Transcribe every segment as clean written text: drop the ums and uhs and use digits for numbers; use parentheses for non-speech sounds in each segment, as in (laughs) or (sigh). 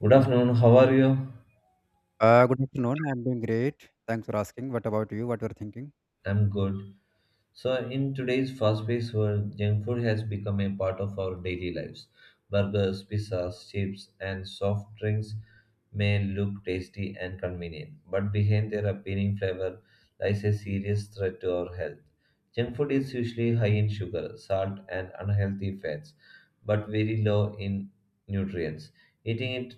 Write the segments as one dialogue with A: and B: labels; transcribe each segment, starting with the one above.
A: Good afternoon, how are you?
B: Good afternoon. I'm doing great. Thanks for asking. What about you? What you're thinking?
A: I'm good. So, in today's fast paced world, junk food has become a part of our daily lives. Burgers, pizzas, chips, and soft drinks may look tasty and convenient, but behind their appealing flavor lies a serious threat to our health. Junk food is usually high in sugar, salt, and unhealthy fats, but very low in nutrients. Eating it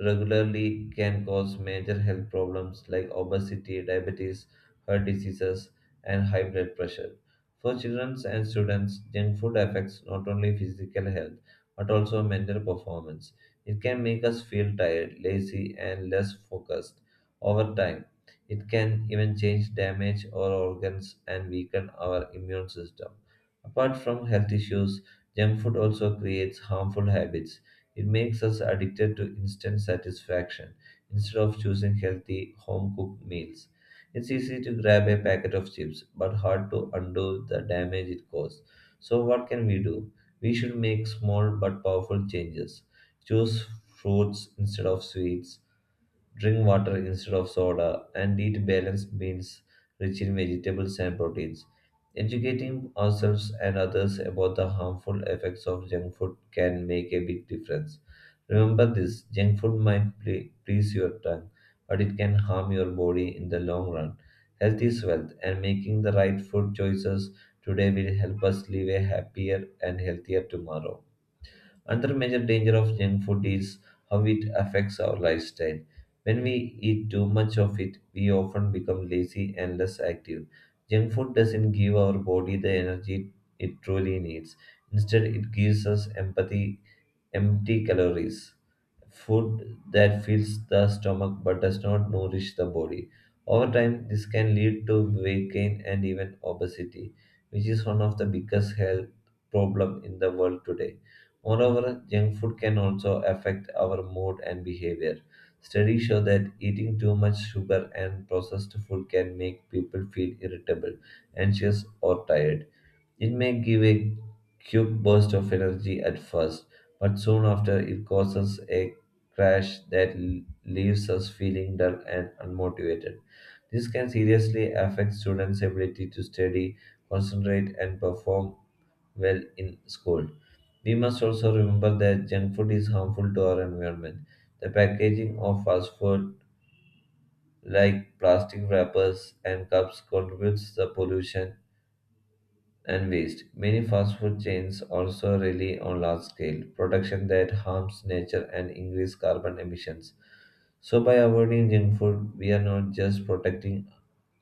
A: regularly can cause major health problems like obesity, diabetes, heart diseases, and high blood pressure. For children and students, junk food affects not only physical health but also mental performance. It can make us feel tired, lazy, and less focused. Over time, it can even change, damage our organs, and weaken our immune system. Apart from health issues, junk food also creates harmful habits. It makes us addicted to instant satisfaction instead of choosing healthy, home cooked meals. It's easy to grab a packet of chips, but hard to undo the damage it caused. So, what can we do? We should make small but powerful changes. Choose fruits instead of sweets, drink water instead of soda, and eat balanced meals rich in vegetables and proteins. Educating ourselves and others about the harmful effects of junk food can make a big difference. Remember, this junk food might please your tongue, but it can harm your body in the long run. Health is wealth, and making the right food choices today will help us live a happier and healthier tomorrow. Another major danger of junk food is how it affects our lifestyle. When we eat too much of it, we often become lazy and less active. Junk food doesn't give our body the energy it truly needs. Instead, it gives us empathy, empty calories, food that fills the stomach but does not nourish the body. Over time, this can lead to weight gain and even obesity, which is one of the biggest health problem in the world today. Moreover, junk food can also affect our mood and behavior. Studies show that eating too much sugar and processed food can make people feel irritable, anxious, or tired. It may give a quick burst of energy at first, but soon after it causes a crash that leaves us feeling dull and unmotivated. This can seriously affect students' ability to study, concentrate, and perform well in school. We must also remember that junk food is harmful to our environment. The packaging of fast food, like plastic wrappers and cups, contributes to pollution and waste. Many fast food chains also rely on large scale production that harms nature and increase carbon emissions. So, by avoiding junk food, we are not just protecting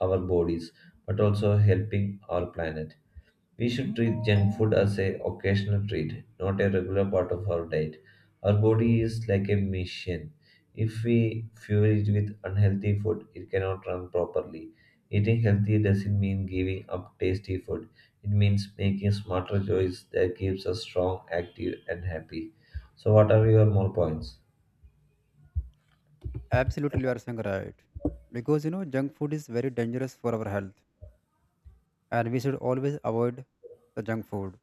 A: our bodies but also helping our planet. We should treat junk food as a occasional treat, not a regular part of our diet. Our body is like a machine. If we fuel it with unhealthy food, it cannot run properly. Eating healthy doesn't mean giving up tasty food. It means making smarter choices that keeps us strong, active, and happy. So, what are your more points?
B: Absolutely, you are saying right. Because junk food is very dangerous for our health, and we should always avoid the junk food.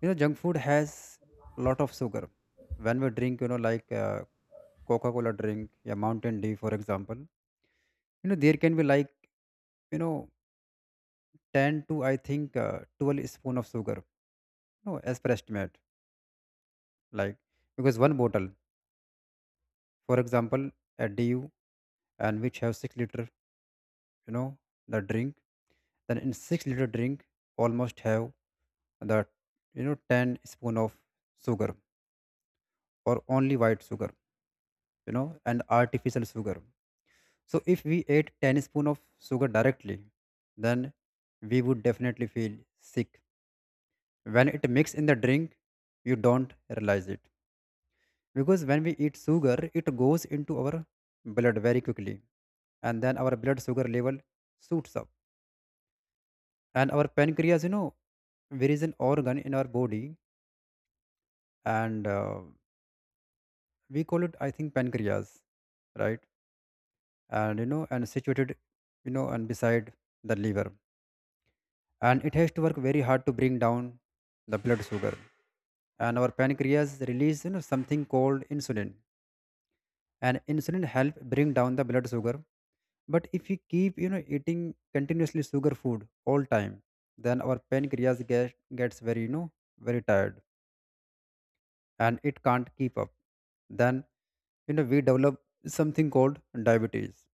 B: Junk food has lot of sugar. When we drink, like Coca-Cola drink, yeah, Mountain Dew, for example, there can be like you know, ten to I think 12 spoon of sugar. No, as per estimate, like because one bottle, for example, a DU and which have 6 liter, you know the drink, then in 6-liter drink almost have the 10 spoon of sugar, or only white sugar, and artificial sugar. So if we ate 10 spoon of sugar directly, then we would definitely feel sick. When it mix in the drink, you don't realize it, because when we eat sugar, it goes into our blood very quickly, and then our blood sugar level shoots up. And our pancreas, there is an organ in our body, and we call it I think pancreas, right? And situated, you know and beside the liver. And it has to work very hard to bring down the blood sugar. And our pancreas release, something called insulin, and insulin help bring down the blood sugar. But if we keep, eating continuously sugar food all time, then our pancreas gets very, very tired, and it can't keep up. Then, we develop something called diabetes.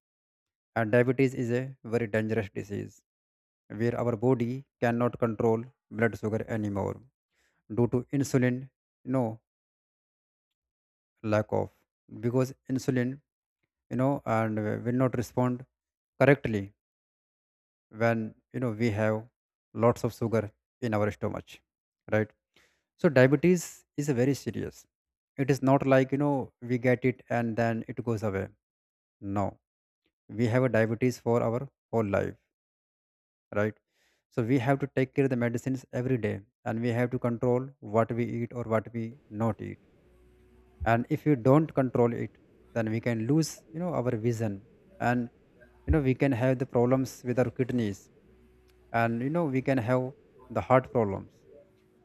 B: And diabetes is a very dangerous disease where our body cannot control blood sugar anymore due to insulin, you know lack of, because insulin, you know and will not respond correctly when, we have lots of sugar in our stomach, right? So diabetes is a very serious. It is not like, we get it and then it goes away. No, we have a diabetes for our whole life, right? So we have to take care of the medicines every day, and we have to control what we eat or what we not eat. And if you don't control it, then we can lose, our vision, and we can have the problems with our kidneys, and we can have the heart problems.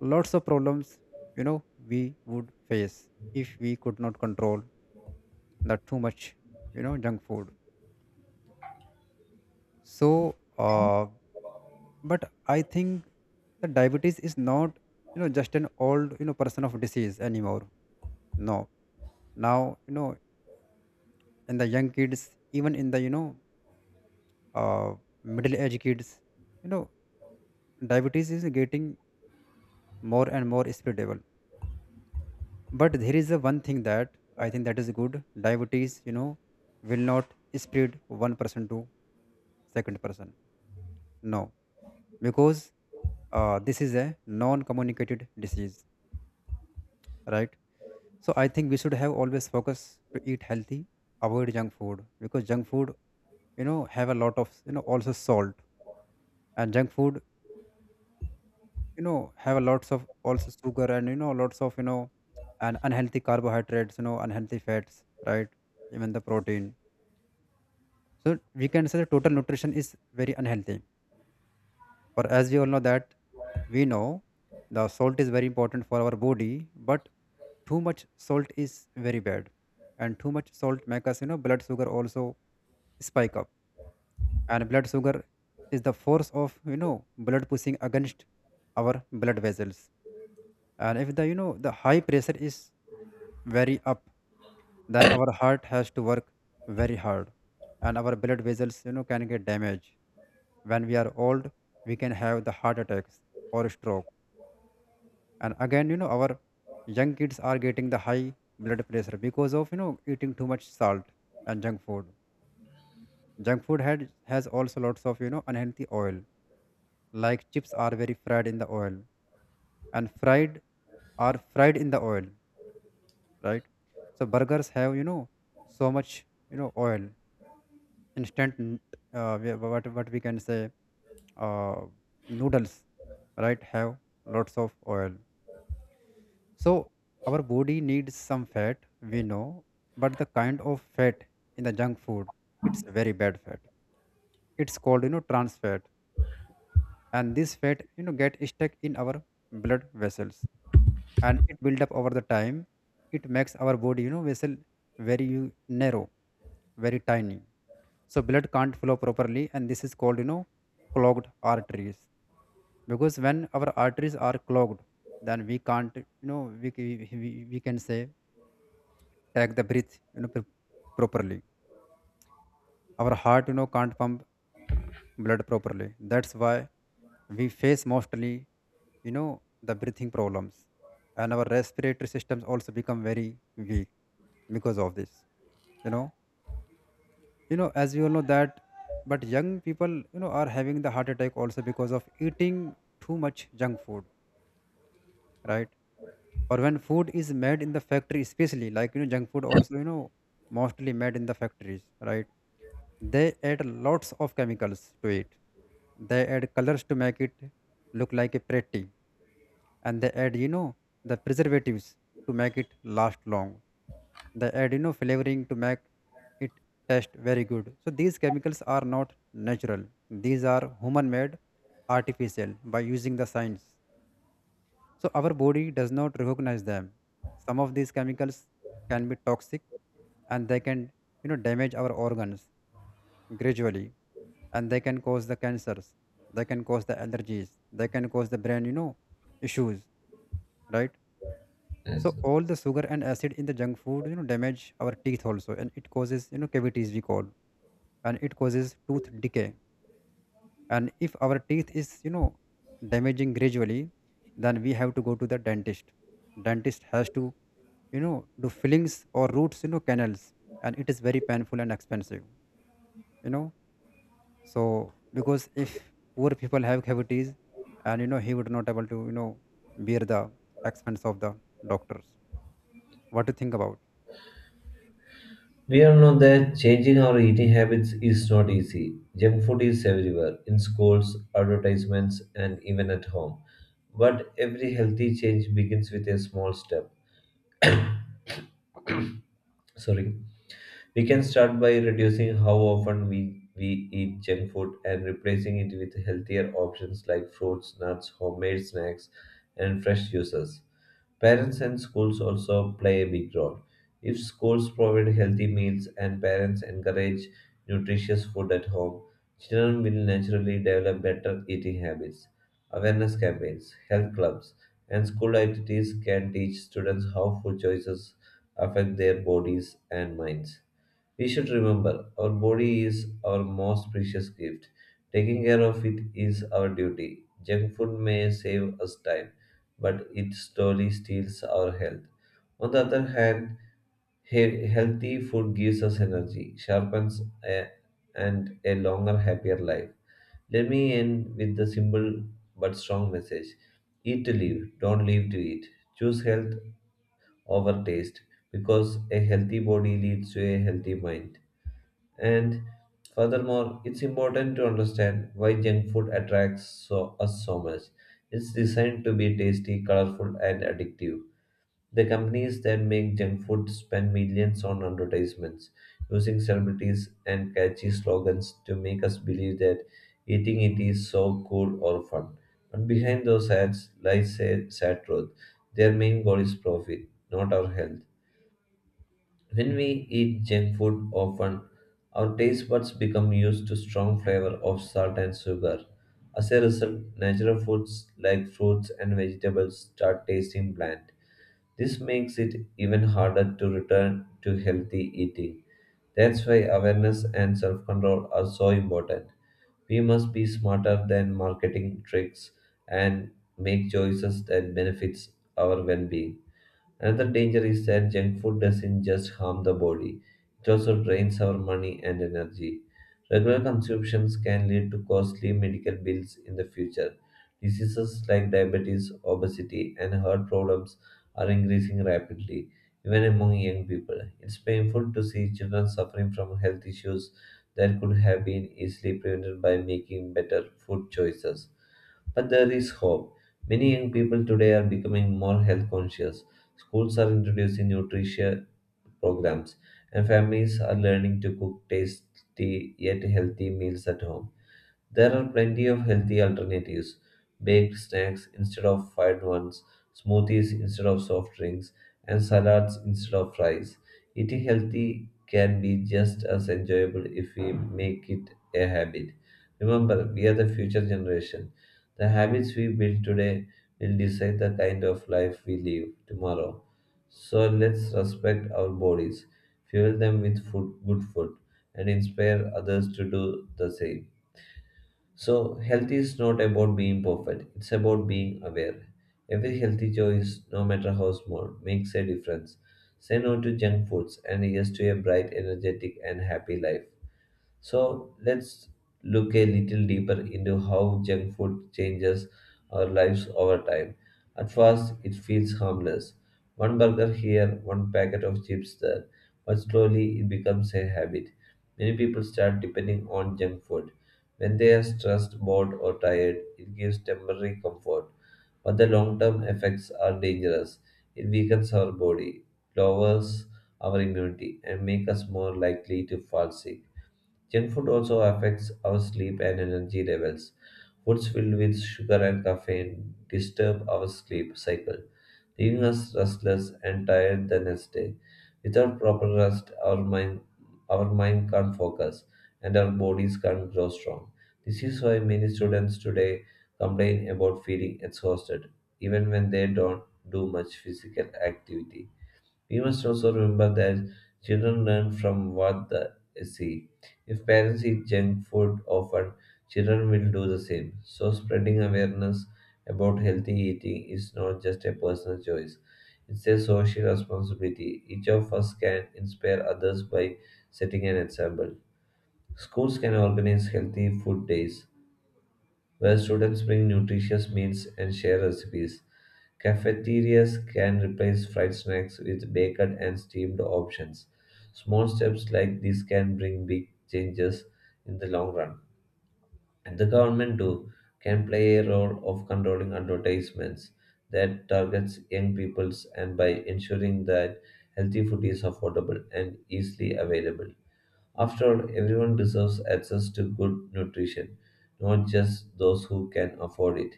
B: Lots of problems, we would face if we could not control the too much, junk food. So but I think that diabetes is not, just an old, person of disease anymore. No, now, in the young kids, even in the, uh, middle age kids, you know diabetes is getting more and more spreadable. But there is a one thing that I think that is good: diabetes, will not spread one person to second person. No, because this is a non communicated disease, right? So I think we should have always focus to eat healthy, avoid junk food, because junk food, have a lot of, also salt, and junk food, have a lots of also sugar, and you know lots of you know and unhealthy carbohydrates, unhealthy fats, right? Even the protein. So we can say the total nutrition is very unhealthy. For as we all know that, we know, the salt is very important for our body, but too much salt is very bad. And too much salt make us, blood sugar also spike up. And blood sugar is the force of, blood pushing against our blood vessels. And if the high pressure is very up, then our heart has to work very hard, and our blood vessels, can get damaged. When we are old, we can have the heart attacks or stroke. And again, our young kids are getting the high blood pressure because of, eating too much salt and junk food. Junk food has also lots of, unhealthy oil, like chips are very fried in the oil, and fried are fried in the oil, right? So burgers have, so much, oil. instant n- what we can say uh, noodles right, have lots of oil. So our body needs some fat, we know, but the kind of fat in the junk food, it's very bad fat. It's called, trans fat. And this fat, get stuck in our blood vessels, and it build up over the time. It makes our body, vessel very narrow, very tiny. So blood can't flow properly, and this is called, clogged arteries. Because when our arteries are clogged, then we can't, you know, we, c- we can say take the breath, properly our heart, can't pump blood properly. That's why we face mostly, you know the breathing problems, and our respiratory systems also become very weak because of this. you know as we all know that, but young people, are having the heart attack also because of eating too much junk food, right? Or when food is made in the factory, especially like, junk food also, mostly made in the factories, right? They add lots of chemicals to it. They add colors to make it look like a pretty, and they add, the preservatives to make it last long. They add, flavoring to make it taste very good. So these chemicals are not natural. These are human-made, artificial by using the science. So our body does not recognize them. Some of these chemicals can be toxic, and they can, damage our organs gradually, and they can cause the cancers, they can cause the allergies, they can cause the brain, issues, right? So
A: Yes.
B: all the sugar and acid in the junk food, damage our teeth also, and it causes, cavities we call, and it causes tooth decay. And if our teeth is, damaging gradually, then we have to go to the dentist. Dentist has to, do fillings or roots, canals, and it is very painful and expensive. you know so because if poor people have cavities, and, he would not able to, bear the expense of the doctors, what to think about?
A: We all know that changing our eating habits is not easy. Junk food is everywhere, in schools, advertisements, and even at home. But every healthy change begins with a small step. Sorry. We can start by reducing how often we eat junk food and replacing it with healthier options like fruits, nuts, homemade snacks, and fresh juices. Parents and schools also play a big role. If schools provide healthy meals and parents encourage nutritious food at home, children will naturally develop better eating habits. Awareness campaigns, health clubs, and school activities can teach students how food choices affect their bodies and minds. We should remember our body is our most precious gift. Taking care of it is our duty. Junk food may save us time, but it slowly steals our health. On the other hand, healthy food gives us energy, sharpens a- and a longer, happier life. Let me end with the simple but strong message: Eat to live, don't live to eat. Choose health over taste because a healthy body leads to a healthy mind. And furthermore, it's important to understand why junk food attracts us so much. It's designed to be tasty, colorful, and addictive. The companies that make junk food spend millions on advertisements, using celebrities and catchy slogans to make us believe that eating it is so cool or fun. But behind those ads lies a sad truth. Their main goal is profit, not our health. When we eat junk food often, our taste buds become used to strong flavor of salt and sugar. As a result, natural foods like fruits and vegetables start tasting bland. This makes it even harder to return to healthy eating. That's why awareness and self control are so important. We must be smarter than marketing tricks and make choices that benefits our well being. Another danger is that junk food doesn't just harm the body, it also drains our money and energy. Regular consumptions can lead to costly medical bills in the future. Diseases like diabetes, obesity, and heart problems are increasing rapidly, even among young people. It's painful to see children suffering from health issues that could have been easily prevented by making better food choices. But there is hope. Many young people today are becoming more health conscious. Schools are introducing nutrition programs, and families are learning to cook tasty yet healthy meals at home. There are plenty of healthy alternatives: baked snacks instead of fried ones, smoothies instead of soft drinks, and salads instead of fries. Eating healthy can be just as enjoyable if we make it a habit. Remember, we are the future generation. The habits we build today will decide the kind of life we live tomorrow. So let's respect our bodies, fuel them with food, good food, and inspire others to do the same. So, health is not about being perfect, it's about being aware. Every healthy choice, no matter how small, makes a difference. Say no to junk foods and yes to a bright, energetic, and happy life. So let's look a little deeper into how junk food changes our lives over time. At first, it feels harmless. One burger here, one packet of chips there, but slowly it becomes a habit. Many people start depending on junk food. When they are stressed, bored, or tired, it gives temporary comfort. But the long term effects are dangerous. It weakens our body, lowers our immunity, and makes us more likely to fall sick. Junk food also affects our sleep and energy levels. Foods filled with sugar and caffeine disturb our sleep cycle, leaving us restless and tired the next day. Without proper rest, our mind can't focus and our bodies can't grow strong. This is why many students today complain about feeling exhausted, even when they don't do much physical activity. We must also remember that children learn from what they see. If parents eat junk food often, children will do the same. So, spreading awareness about healthy eating is not just a personal choice, it's a social responsibility. Each of us can inspire others by setting an example. Schools can organize healthy food days where students bring nutritious meals and share recipes. Cafeterias can replace fried snacks with baked and steamed options. Small steps like this can bring big changes in the long run. And the government too can play a role of controlling advertisements that targets young peoples and by ensuring that healthy food is affordable and easily available. After all, everyone deserves access to good nutrition, not just those who can afford it.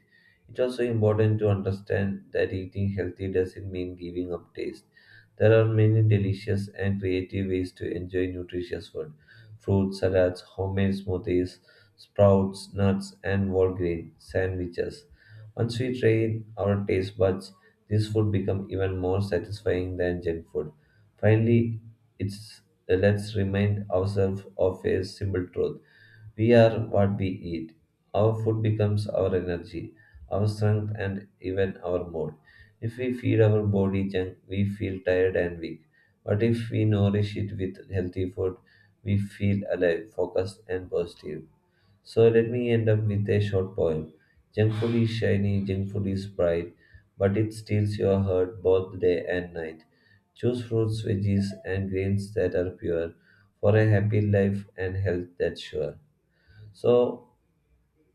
A: It's also important to understand that eating healthy doesn't mean giving up taste. There are many delicious and creative ways to enjoy nutritious food: fruit salads, homemade smoothies, sprouts, nuts, and whole grain sandwiches. Once we train our taste buds, this food becomes even more satisfying than junk food. Finally, it's let's remind ourselves of a simple truth. We are what we eat. Our food becomes our energy, our strength, and even our mood. If we feed our body junk, we feel tired and weak. But if we nourish it with healthy food, we feel alive, focused, and positive. So let me end up with a short poem. Junk food is shiny, junk food is bright, but it steals your heart both day and night. Choose fruits, veggies, and grains that are pure for a happy life and health that's sure. So,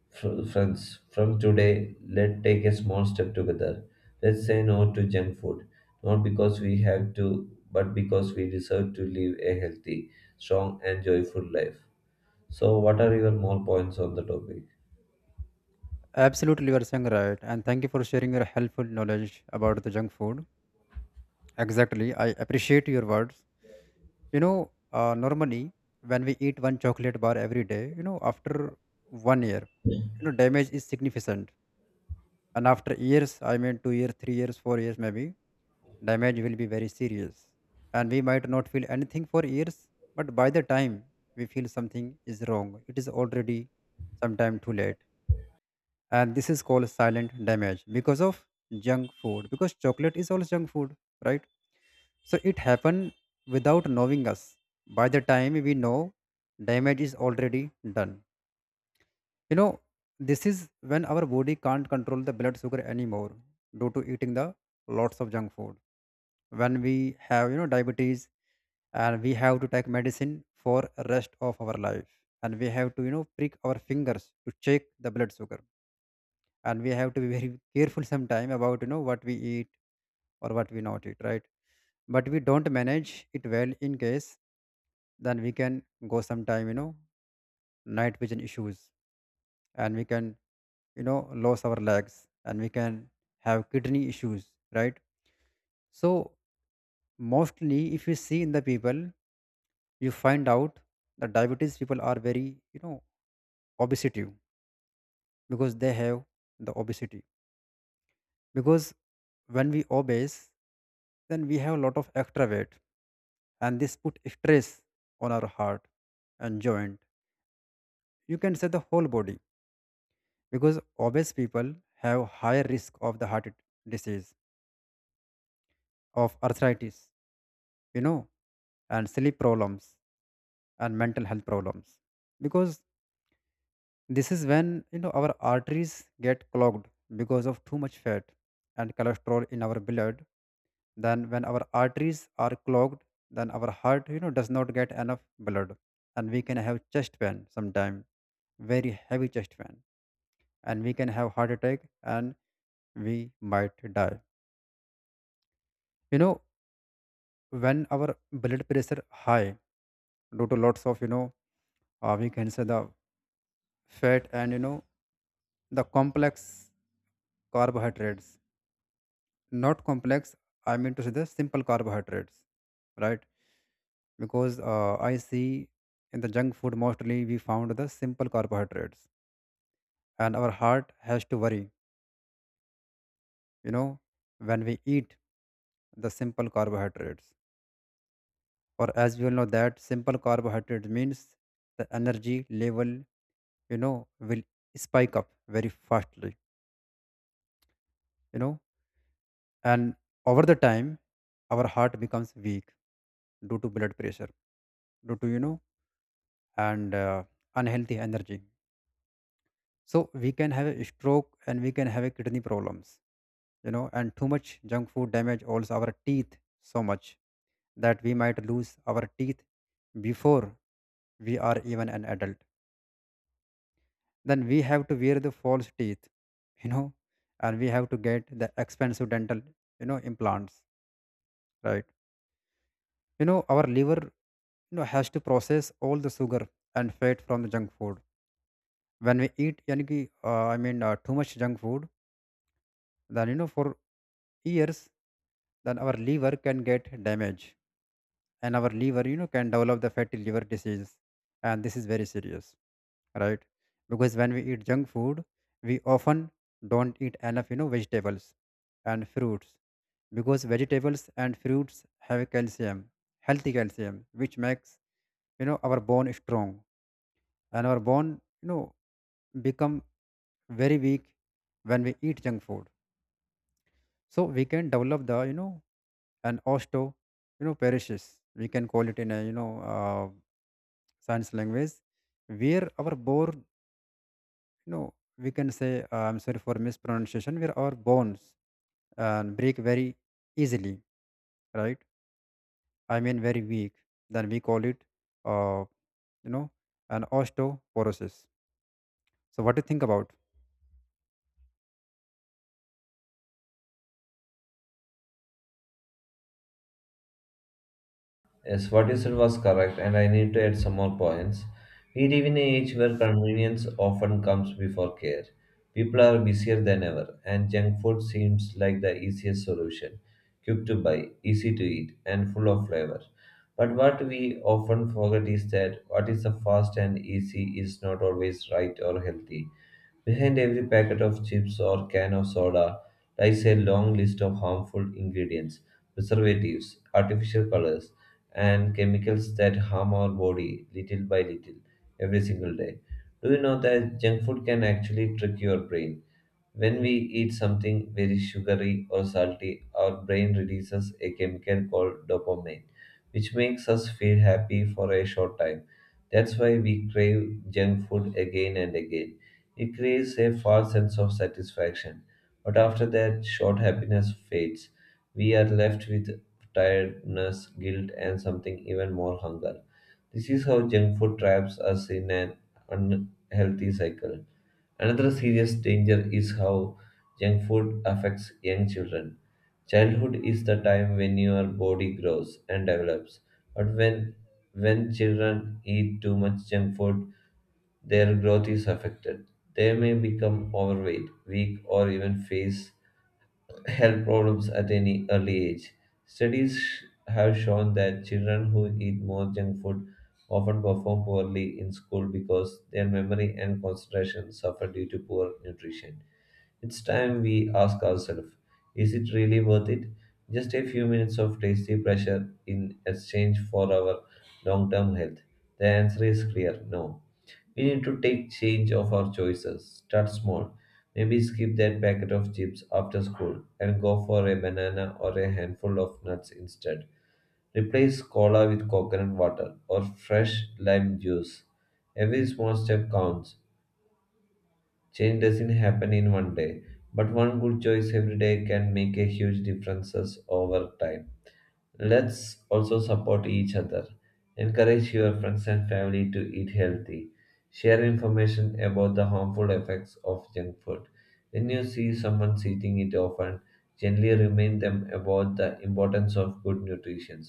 A: friends, from today, let's take a small step together. Let's say no to junk food, not because we have to, but because we deserve to live a healthy, strong, and joyful life. So, what are your more points on the topic?
B: Absolutely you are saying right, and thank you for sharing your helpful knowledge about the junk food. Exactly, I appreciate your words. Normally when we eat one chocolate bar every day, after one year, damage is significant. And after years, I mean, 2 years, 3 years, 4 years maybe, damage will be very serious. And we might not feel anything for years, but by the time we feel something is wrong, it is already sometime too late. And this is called silent damage because of junk food, because chocolate is also junk food, right? So it happened without knowing us. By the time we know, damage is already done. you know this is when our body can't control the blood sugar anymore due to eating the lots of junk food. When we have, diabetes, and we have to take medicine for rest of our life, and we have to, prick our fingers to check the blood sugar. And we have to be (laughs) very careful sometime about, what we eat or what we not eat, right? But we don't manage it well, in case, then we can go sometime, night vision issues, and we can, lose our legs, and we can have kidney issues, right? So mostly if you see in the people, you find out that diabetes people are very, you know obesity, because they have the obesity. Because when we obese, then we have a lot of extra weight, and this put stress on our heart and joint. You can say the whole body, because obese people have higher risk of the heart disease, of arthritis, you know and sleep problems, and mental health problems. Because this is when, our arteries get clogged because of too much fat and cholesterol in our blood. Then when our arteries are clogged, then our heart, does not get enough blood, and we can have chest pain sometime, very heavy chest pain, and we can have heart attack, and we might die. You know when our blood pressure high due to lots of, we can say the fat and, the complex carbohydrates, not complex, I mean to say the simple carbohydrates, right? Because I see in the junk food mostly we found the simple carbohydrates. And our heart has to worry, you know when we eat the simple carbohydrates. Or as we all know that simple carbohydrate means the energy level, will spike up very fastly. you know and over the time, our heart becomes weak due to blood pressure, due to, you know and unhealthy energy. So we can have a stroke, and we can have a kidney problems. And too much junk food damage also our teeth so much that we might lose our teeth before we are even an adult. Then we have to wear the false teeth (laughs) you know and we have to get the expensive dental, implants, right? Our liver, has to process all the sugar and fat from the junk food. When we eat, I mean, too much junk food, then, for years, then our liver can get damaged, and our liver, can develop the fatty liver disease, and this is very serious, right? Because when we eat junk food, we often don't eat enough, vegetables and fruits, because vegetables and fruits have calcium, healthy calcium, which makes, our bone strong, and our bone, become very weak when we eat junk food. So we can develop the, an osteo, perishes, we can call it, in a, science language, where our bone, we can say, I'm sorry for mispronunciation, where our bones and break very easily, right? I mean very weak. Then we call it, uh, you know an osteoporosis. So what do you think about?
A: Yes, what you said was correct, and I need to add some more points. We live in an age where convenience often comes before care. People are busier than ever, and junk food seems like the easiest solution. Quick to buy, easy to eat, and full of flavor. But what we often forget is that what is the fast and easy is not always right or healthy. Behind every packet of chips or can of soda lies a long list of harmful ingredients, preservatives, artificial colors and chemicals that harm our body little by little every single day. Do you know that junk food can actually trick your brain? When we eat something very sugary or salty, our brain releases a chemical called dopamine, which makes us feel happy for a short time. That's why we crave junk food again and again. It creates a false sense of satisfaction but after that short happiness fades. We are left with tiredness, guilt, and something even more hunger. This is how junk food traps us in an unhealthy cycle. Another serious danger is how junk food affects young children. Childhood is the time when your body grows and develops. But when children eat too much junk food, their growth is affected. They may become overweight, weak, or even face health problems at any early age. Studies have shown that children who eat more junk food often perform poorly in school because their memory and concentration suffer due to poor nutrition. It's time we ask ourselves, is it really worth it? Just a few minutes of tasty pleasure in exchange for our long term health? The answer is clear, no. We need to take change of our choices. Start small. Maybe skip that packet of chips after school and go for a banana or a handful of nuts instead. Replace cola with coconut water or fresh lime juice. Every small step counts. Change doesn't happen in one day, but one good choice every day can make a huge differences over time. Let's also support each other. Encourage your friends and family to eat healthy. Share information about the harmful effects of junk food. When you see someone eating it often, gently remind them about the importance of good nutrition.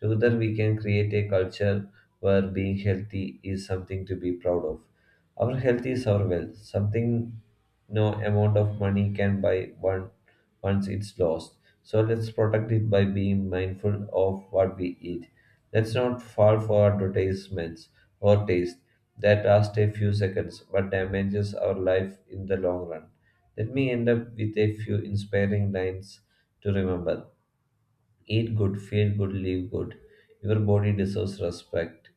A: Together, we can create a culture where being healthy is something to be proud of. Our health is our wealth, something no amount of money can buy one once it's lost. So let's protect it by being mindful of what we eat. Let's not fall for advertisements or taste that last a few seconds but damages our life in the long run. Let me end up with a few inspiring lines to remember. Eat good, feel good, live good. Your body deserves respect.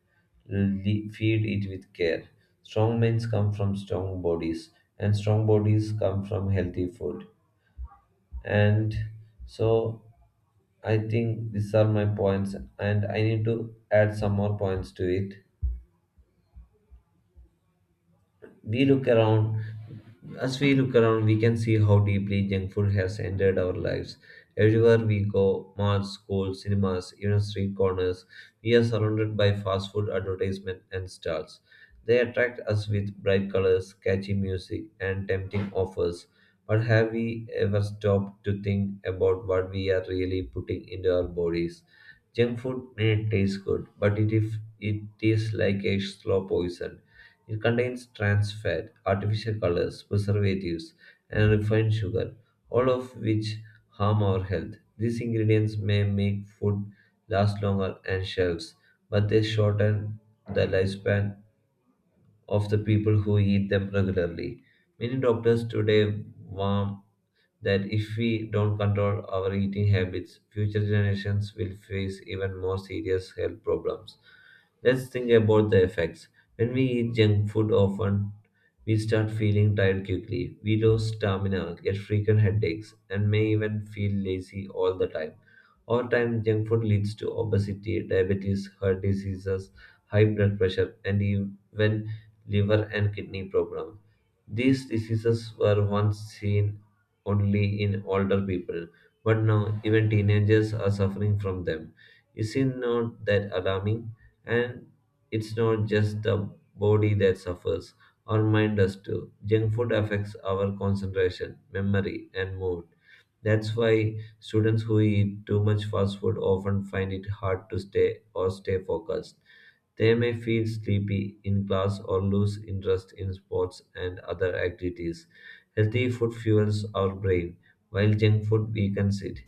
A: Feed it with care. Strong minds come from strong bodies, and strong bodies come from healthy food. And so I think these are my points, and I need to add some more points to it. We look around As we look around, we can see how deeply junk food has entered our lives. Everywhere we go, malls, schools, cinemas, even street corners, we are surrounded by fast food advertisements and stalls. They attract us with bright colors, catchy music, and tempting offers. But have we ever stopped to think about what we are really putting into our bodies? Junk food may taste good, but it if it is like a slow poison. It contains trans fat, artificial colors, preservatives, and refined sugar, all of which harm our health. These ingredients may make food last longer and shelves, but they shorten the lifespan of the people who eat them regularly. Many doctors today warn that if we don't control our eating habits, future generations will face even more serious health problems. Let's think about the effects. When we eat junk food often, we start feeling tired quickly. We lose stamina, get frequent headaches, and may even feel lazy all the time. Over time, junk food leads to obesity, diabetes, heart diseases, high blood pressure, and even liver, and kidney problems. These diseases were once seen only in older people, but now even teenagers are suffering from them. Is it not that alarming? And it's not just the body that suffers, our mind does too. Junk food affects our concentration, memory, and mood. That's why students who eat too much fast food often find it hard to stay focused. They may feel sleepy in class or lose interest in sports and other activities. Healthy food fuels our brain, while junk food weakens it.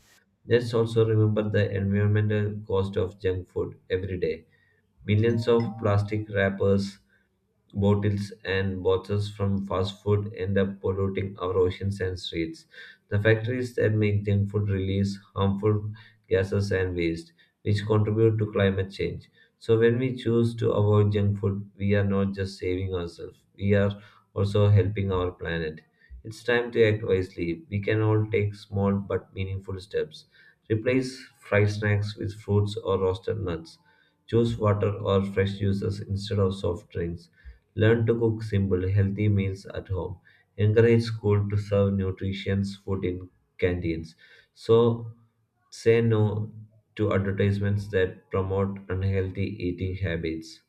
A: Let's also remember the environmental cost of junk food every day. Millions of plastic wrappers, bottles and boxes from fast food end up polluting our oceans and streets. The factories that make junk food release harmful gases and waste, which contribute to climate change. So, when we choose to avoid junk food, we are not just saving ourselves, we are also helping our planet. It's time to act wisely. We can all take small but meaningful steps. Replace fried snacks with fruits or roasted nuts. Choose water or fresh juices instead of soft drinks. Learn to cook simple, healthy meals at home. Encourage school to serve nutritious food in canteens. So say no to advertisements that promote unhealthy eating habits.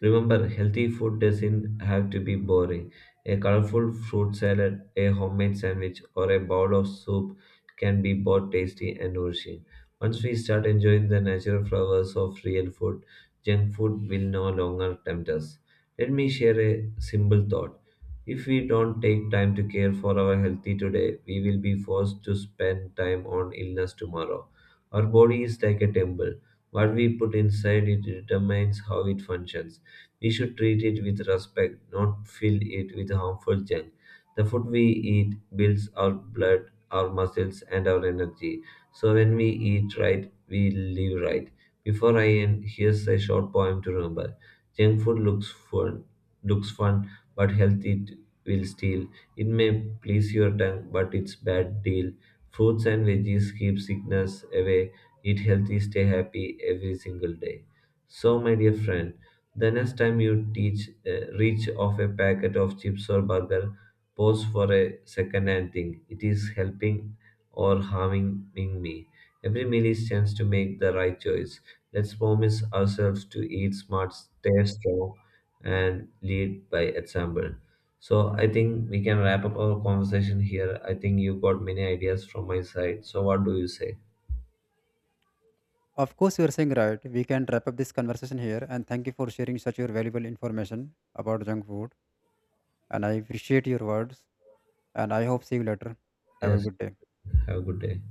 A: Remember, healthy food doesn't have to be boring. A colorful fruit salad, a homemade sandwich, or a bowl of soup can be both tasty and nourishing. Once we start enjoying the natural flavors of real food, junk food will no longer tempt us. Let me share a simple thought. If we don't take time to care for our healthy today, we will be forced to spend time on illness tomorrow. Our body is like a temple. What we put inside it determines how it functions. We should treat it with respect, not fill it with harmful junk. The food we eat builds our blood, our muscles, and our energy. So when we eat right, we live right. Before I end, here's a short poem to remember. Junk food looks fun, looks fun, but health it will steal. It may please your tongue, but it's bad deal. Fruits and veggies keep sickness away. Eat healthy, stay happy every single day. So, my dear friend, the next time you reach of a packet of chips or burger, pause for a second and think, it is helping or harming me. Every meal is chance to make the right choice. Let's promise ourselves to eat smart, stay strong, and lead by example. So I think we can wrap up our conversation here. I think you got many ideas from my side. So what do you say?
B: Of course, you're saying right. We can wrap up this conversation here. And thank you for sharing such your valuable information about junk food. And I appreciate your words. And I hope see you later. Have a
A: Yes,
B: good day.
A: have a good day.